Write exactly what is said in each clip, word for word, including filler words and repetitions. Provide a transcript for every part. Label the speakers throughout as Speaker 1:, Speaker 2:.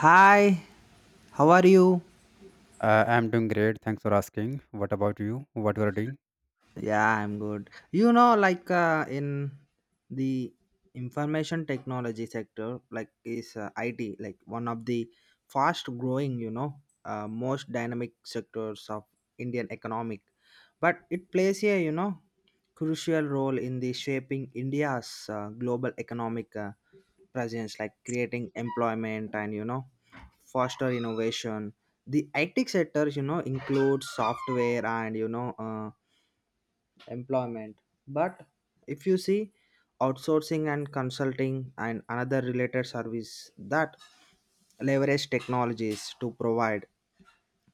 Speaker 1: Hi, how are you?
Speaker 2: Uh, I'm doing great. Thanks for asking. What about you? What you are doing?
Speaker 1: Yeah, I'm good. You know, like uh, in the information technology sector, like is uh, I T, like one of the fast growing, you know, uh, most dynamic sectors of Indian economic. But it plays a, you know, crucial role in the shaping India's uh, global economic uh, presence, like creating employment and, you know, foster innovation. The I T sector, you know, includes software and, you know, uh, employment. But if you see outsourcing and consulting and another related service that leverage technologies to provide.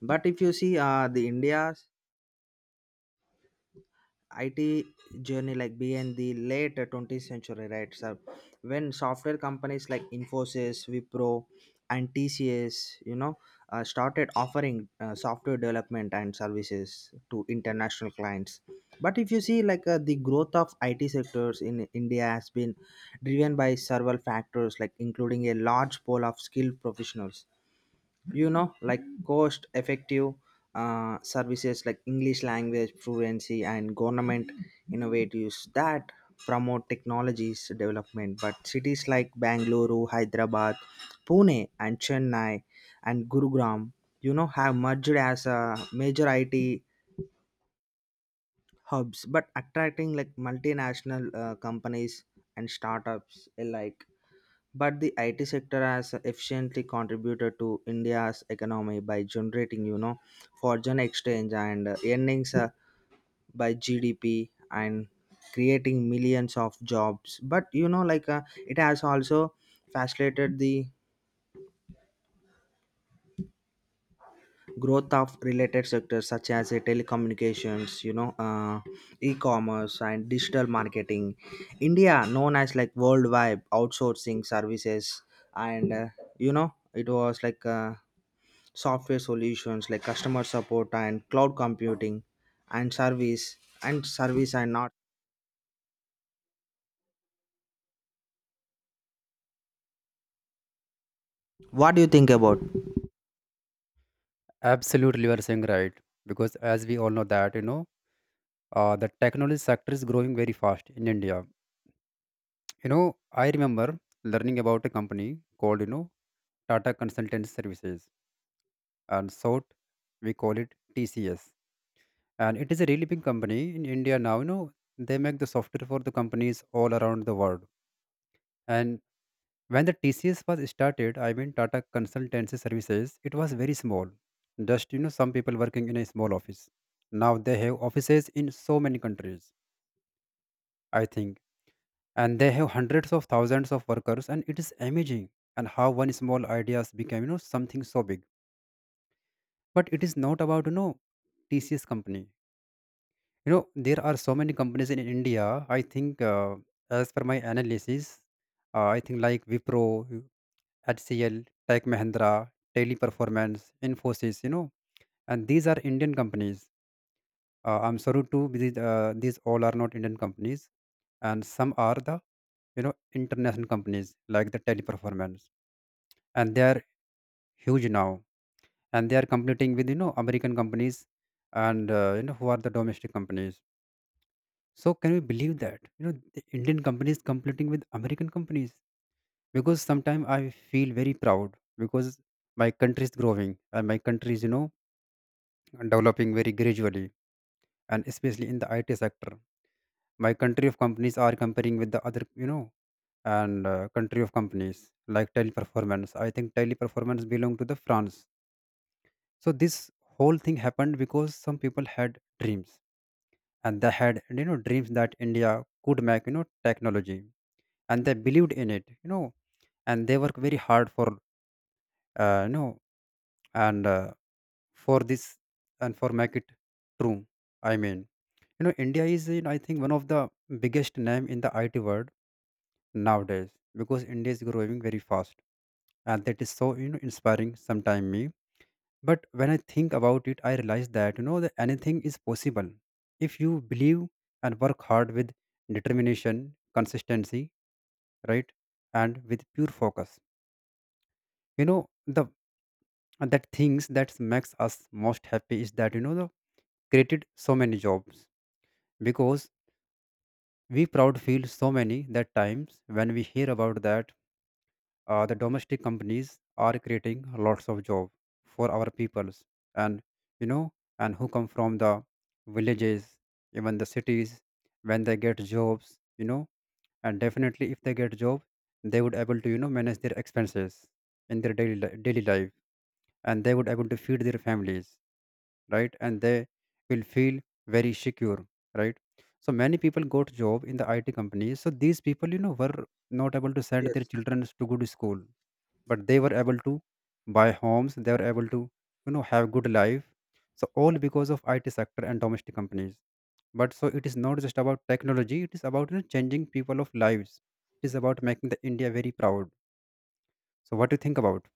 Speaker 1: But if you see uh, the India's I T journey like began the late twentieth century, right, sir? When software companies like Infosys, Wipro, and T C S, you know, uh, started offering uh, software development and services to international clients. But if you see, like uh, the growth of I T sectors in India has been driven by several factors, like including a large pool of skilled professionals, you know like cost effective uh, services, like English language fluency and government innovatives that promote technologies development. But cities like Bangalore, Hyderabad, Pune, and Chennai, and Gurugram, you know have merged as a major IT hubs, but attracting like multinational uh, companies and startups alike. But the I T sector has efficiently contributed to India's economy by generating, you know, foreign exchange and uh, earnings uh, by G D P and creating millions of jobs. But you know, like uh, it has also facilitated the growth of related sectors such as uh, telecommunications, you know, uh, e-commerce and digital marketing. India, known as like worldwide outsourcing services, and uh, you know, it was like. Uh, software solutions like customer support and cloud computing and service and service and not. What do you think about?
Speaker 2: Absolutely, you are saying right. Because as we all know that, you know, uh, the technology sector is growing very fast in India. You know, I remember learning about a company called, you know, Tata Consultancy Services, and short we call it T C S. And it is a really big company in India now. You know, they make the software for the companies all around the world. And when the T C S was started, I mean Tata Consultancy Services, it was very small. Just you know, some people working in a small office. Now they have offices in so many countries, I think, and they have hundreds of thousands of workers, and it is amazing and how one small ideas became you know something so big. But it is not about you know T C S company. You know there are so many companies in India. I think uh, as per my analysis, uh, I think like Wipro, H C L, Tech Mahindra, Daily Performance, Infosys, you know, and these are Indian companies. Uh, I'm sorry to these, uh, these all are not Indian companies, and some are the you know international companies like the Teleperformance, and they are huge now, and they are competing with you know American companies, and uh, you know who are the domestic companies. So can we believe that you know the Indian companies competing with American companies? Because sometimes I feel very proud because my country is growing, and my country is you know developing very gradually, and especially in the IT sector, my country of companies are comparing with the other, you know and uh, country of companies like Teleperformance. I think Teleperformance belong to the France. So this whole thing happened because some people had dreams, and they had you know dreams that India could make you know technology, and they believed in it you know and they work very hard for uh, you know and uh, for this and for make it true. I mean, you know, India is, you know, I think one of the biggest name in the I T world nowadays because India is growing very fast, and that is so you know inspiring. Sometime me, but when I think about it, I realize that you know that anything is possible if you believe and work hard with determination, consistency, right, and with pure focus. You know the That things that makes us most happy is that you know created so many jobs, because we proud feel so many that times when we hear about that uh, the domestic companies are creating lots of job for our peoples, and you know and who come from the villages, even the cities, when they get jobs, you know and definitely if they get job, they would able to you know manage their expenses in their daily li- daily life, and they would able to feed their families, right, and they will feel very secure, right. So many people got job in the IT companies, so these people you know were not able to send their
Speaker 1: Yes.
Speaker 2: children to good school, but they were able to buy homes, they were able to you know have good life. So all because of IT sector and domestic companies. But so it is not just about technology, it is about you know, changing people of lives, it is about making the India very proud. So what do you think about?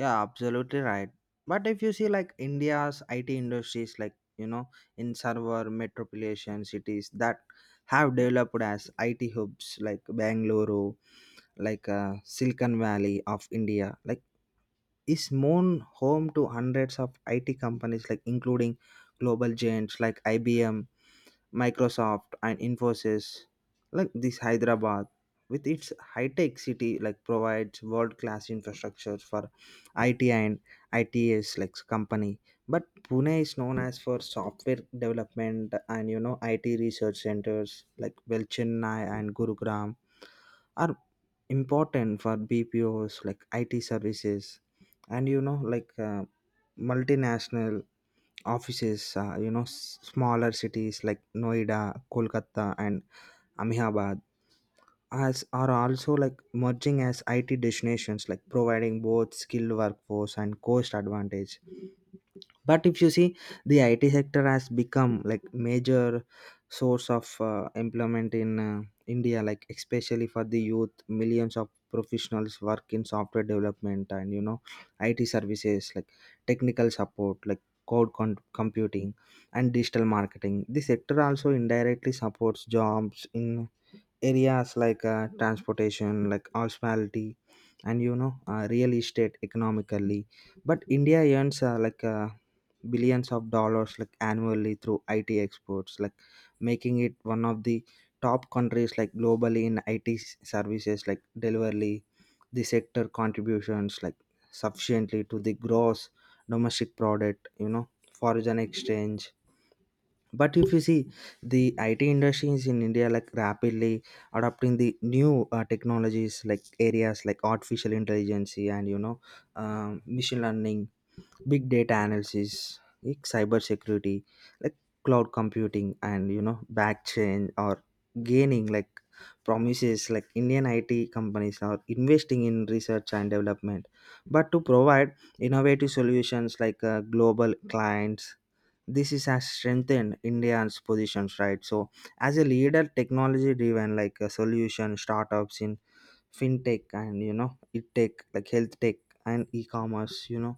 Speaker 1: Yeah, absolutely right. But if you see, like India's IT industries, like, you know in server metropolitan cities that have developed as IT hubs like Bangalore, like uh, Silicon Valley of India, like, is known home to hundreds of IT companies, like including global giants like IBM, Microsoft, and Infosys, like this Hyderabad, with its high-tech city, like provides world-class infrastructure for I T and I T S like company. But Pune is known as for software development and, you know I T research centers like well Chennai and Gurugram are important for B P Os like I T services and, you know like uh, multinational offices. Uh, you know s- smaller cities like Noida, Kolkata, and Ahmedabad as are also like merging as IT destinations, like providing both skilled workforce and cost advantage. But if you see, the IT sector has become like major source of uh, employment in uh, India, like especially for the youth. Millions of professionals work in software development and, you know IT services like technical support, like code con- computing and digital marketing. The sector also indirectly supports jobs in areas like uh, transportation, like hospitality and, you know uh, real estate economically. But India earns uh, like uh, billions of dollars, like annually, through I T exports, like making it one of the top countries, like globally, in I T services like delivery. The sector contributions like sufficiently to the gross domestic product, you know, foreign exchange. But if you see, the I T industry is in India like rapidly adopting the new uh, technologies, like areas like artificial intelligence and, you know um, machine learning, big data analysis, like cyber security, like cloud computing, and, you know blockchain or gaining like promises. Like Indian IT companies are investing in research and development, but to provide innovative solutions, like uh, global clients. This is has strengthened India's positions, right? So as a leader technology driven, like a solution. Startups in fintech and, you know IT tech like health tech and e-commerce, you know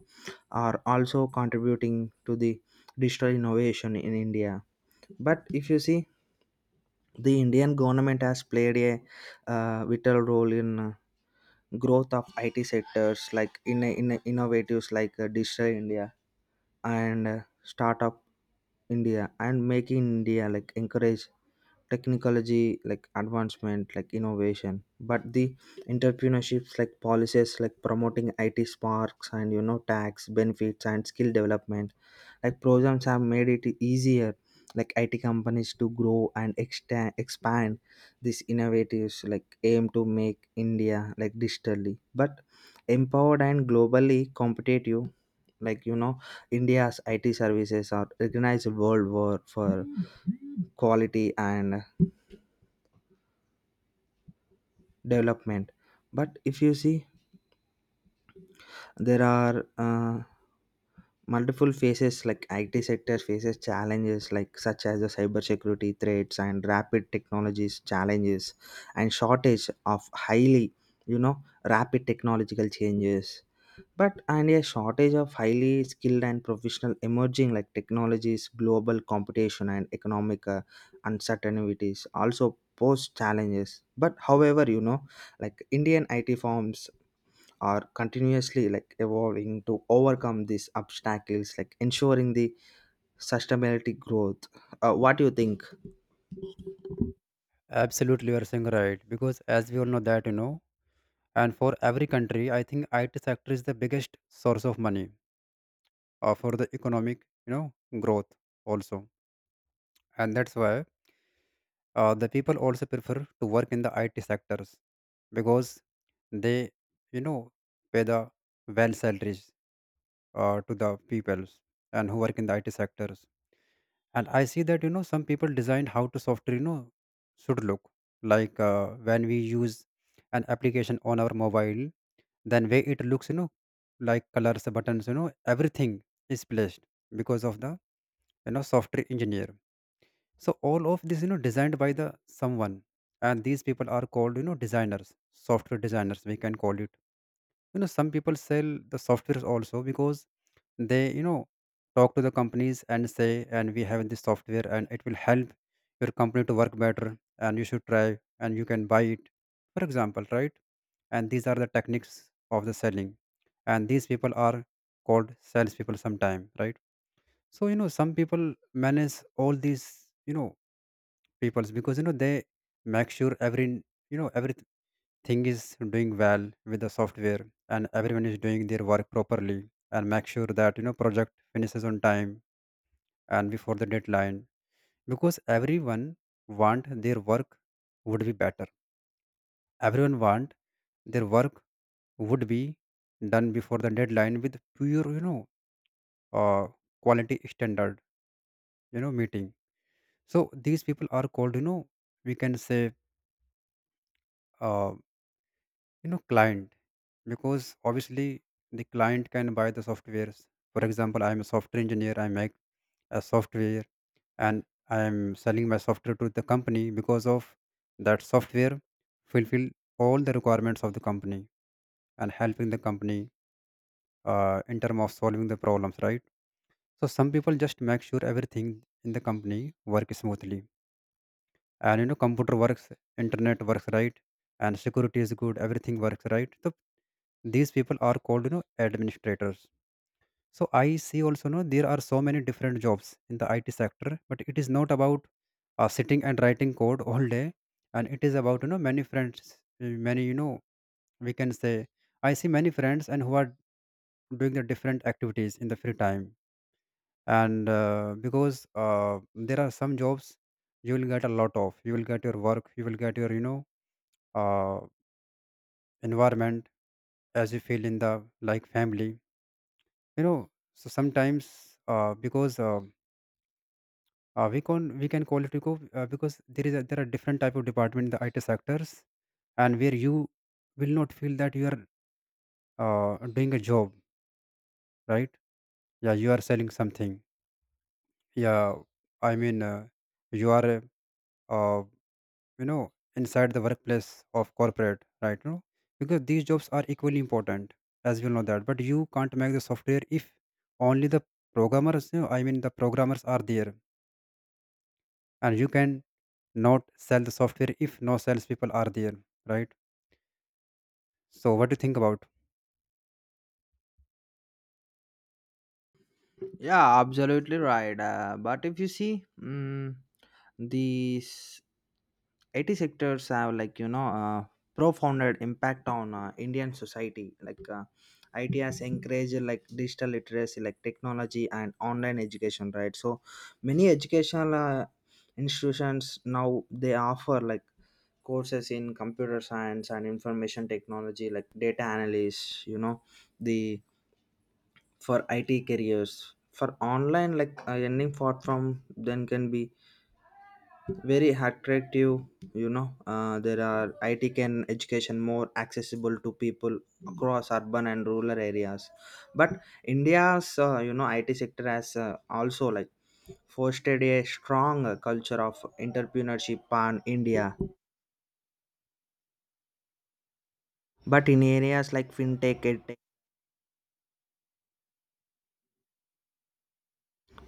Speaker 1: are also contributing to the digital innovation in India. But if you see, the Indian government has played a uh, vital role in uh, growth of IT sectors, like in, in innovatives like uh, Digital India and uh, Startup India and Making India, like encourage technology, like advancement, like innovation. But the entrepreneurships like policies, like promoting IT sparks and, you know tax benefits and skill development, like programs have made it easier, like IT companies to grow and extend, expand. These innovatives like aim to make India like digitally but empowered and globally competitive, like, you know India's IT services are recognized worldwide for quality and development. But if you see, there are uh, multiple phases like IT sector faces challenges, like such as the cybersecurity threats and rapid technologies challenges and shortage of highly, you know rapid technological changes, but and a shortage of highly skilled and professional, emerging like technologies, global competition, and economic uh, uncertainties also pose challenges. But however, you know like Indian IT firms are continuously like evolving to overcome these obstacles, like ensuring the sustainability growth. Uh, what do you think?
Speaker 2: Absolutely you are saying right, because as we all know that, you know and for every country I think IT sector is the biggest source of money, uh, for the economic you know growth also. And that's why uh, the people also prefer to work in the IT sectors, because they you know pay the well salaries, uh, to the peoples and who work in the I T sectors. And I see that you know some people designed how to software you know should look like, uh, when we use an application on our mobile, then way it looks, you know like colors, buttons, you know everything is placed because of the you know software engineer. So all of this you know designed by the someone, and these people are called you know designers, software designers we can call it. You know some people sell the softwares also, because they you know talk to the companies and say, and we have this software and it will help your company to work better, and you should try and you can buy it, for example, right. And these are the techniques of the selling, and these people are called salespeople sometime, right. So you know some people manage all these you know peoples, because you know they make sure every you know everything is doing well with the software, and everyone is doing their work properly, and make sure that you know project finishes on time and before the deadline, because everyone want their work would be better, everyone want their work would be done before the deadline with pure you know uh, quality standard you know meeting. So these people are called, you know we can say, uh, you know client, because obviously the client can buy the softwares. For example, I am a software engineer, I make a software, and I am selling my software to the company because of that software fulfill all the requirements of the company and helping the company uh, in terms of solving the problems, right. So some people just make sure everything in the company work smoothly, and you know computer works, internet works, right, and security is good, everything works right. So these people are called, you know administrators. So I see also, you know there are so many different jobs in the IT sector, but it is not about uh, sitting and writing code all day, and it is about you know many friends, uh, many you know we can say, I see many friends and who are doing the different activities in the free time. And uh, because uh, there are some jobs, you will get a lot of, you will get your work, you will get your you know uh, environment as you feel in the like family, you know. So sometimes uh, because uh, uh, we can, we can call it eco, uh, because there is a, there are different type of department in the I T sectors, and where you will not feel that you are uh, doing a job, right. Yeah, you are selling something, yeah. I mean, uh, you are, uh, you know inside the workplace of corporate, right, you know. Because these jobs are equally important, as you know that, but you can't make the software if only the programmers, you know, I mean the programmers are there, and you can not sell the software if no salespeople are there, right. So what do you think about?
Speaker 1: Yeah, absolutely right. Uh, but if you see, mm these I T sectors have like, you know uh, profound impact on uh, Indian society. Like uh, I T has encouraged like digital literacy, like technology and online education, right? So many educational uh, institutions now they offer like courses in computer science and information technology, like data analysts. You know the for IT careers, for online, like uh, earning for from then, can be very attractive. You know uh, there are, it can education more accessible to people across urban and rural areas. But India's uh, you know IT sector has uh, also like fostered a strong uh, culture of entrepreneurship pan India, but in areas like fintech edtech.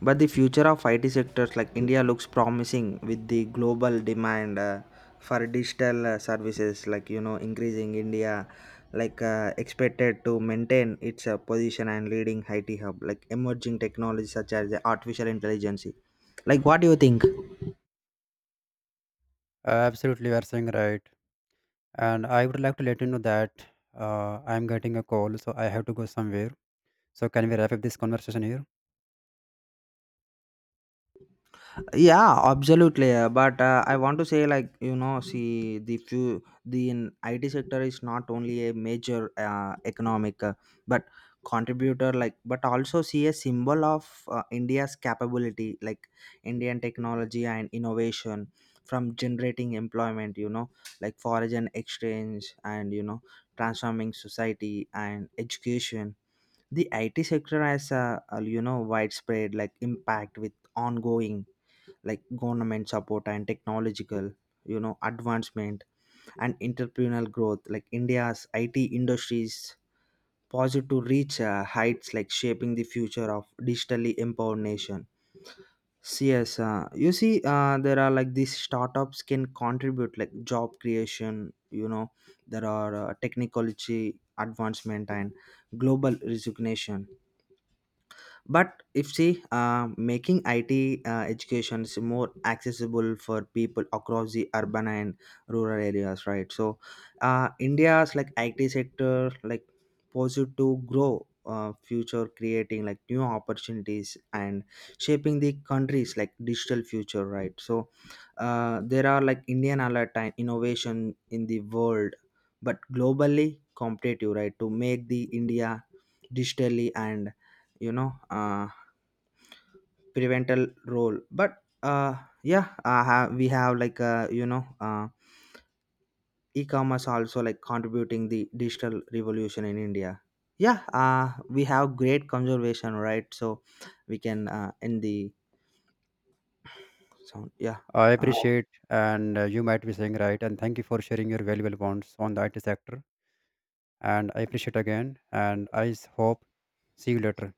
Speaker 1: But the future of I T sectors like India looks promising with the global demand uh, for digital uh, services, like, you know increasing India, like uh, expected to maintain its uh, position and leading I T hub, like emerging technologies such as the artificial intelligence. Like what do you think?
Speaker 2: uh, Absolutely you are saying right, and I would like to let you know that uh, I'm getting a call, so I have to go somewhere. So can we wrap up this conversation here?
Speaker 1: Yeah, absolutely. uh, But uh, I want to say, like, you know, see the few the in I T sector is not only a major uh, economic, uh, but contributor, like but also see a symbol of uh, India's capability, like Indian technology and innovation. From generating employment, you know like foreign exchange and, you know transforming society and education, the IT sector has a, a you know widespread like impact with ongoing like government support and technological, you know advancement and entrepreneurial growth. Like India's IT industries positive to reach uh, heights, like shaping the future of digitally empowered nation. So yes, uh, you see, uh, there are like these startups can contribute like job creation. you know there are uh, technology advancement and global resignation. But if see, uh, making it uh, education is more accessible for people across the urban and rural areas, right? So uh, India's like IT sector, like, posed to grow uh, future creating like new opportunities and shaping the country's like digital future, right? So uh, there are like Indian alert and innovation in the world but globally competitive, right? To make the India digitally and, you know uh, prevental role. But uh, yeah, uh, ha- we have like, uh, you know uh, e-commerce also like contributing the digital revolution in India. Yeah, uh, we have great conservation, right? So we can uh, end the sound. Yeah.
Speaker 2: I
Speaker 1: uh,
Speaker 2: appreciate, and uh, you might be saying right, and thank you for sharing your valuable points on the I T sector. And I appreciate again, and I s- hope see you later.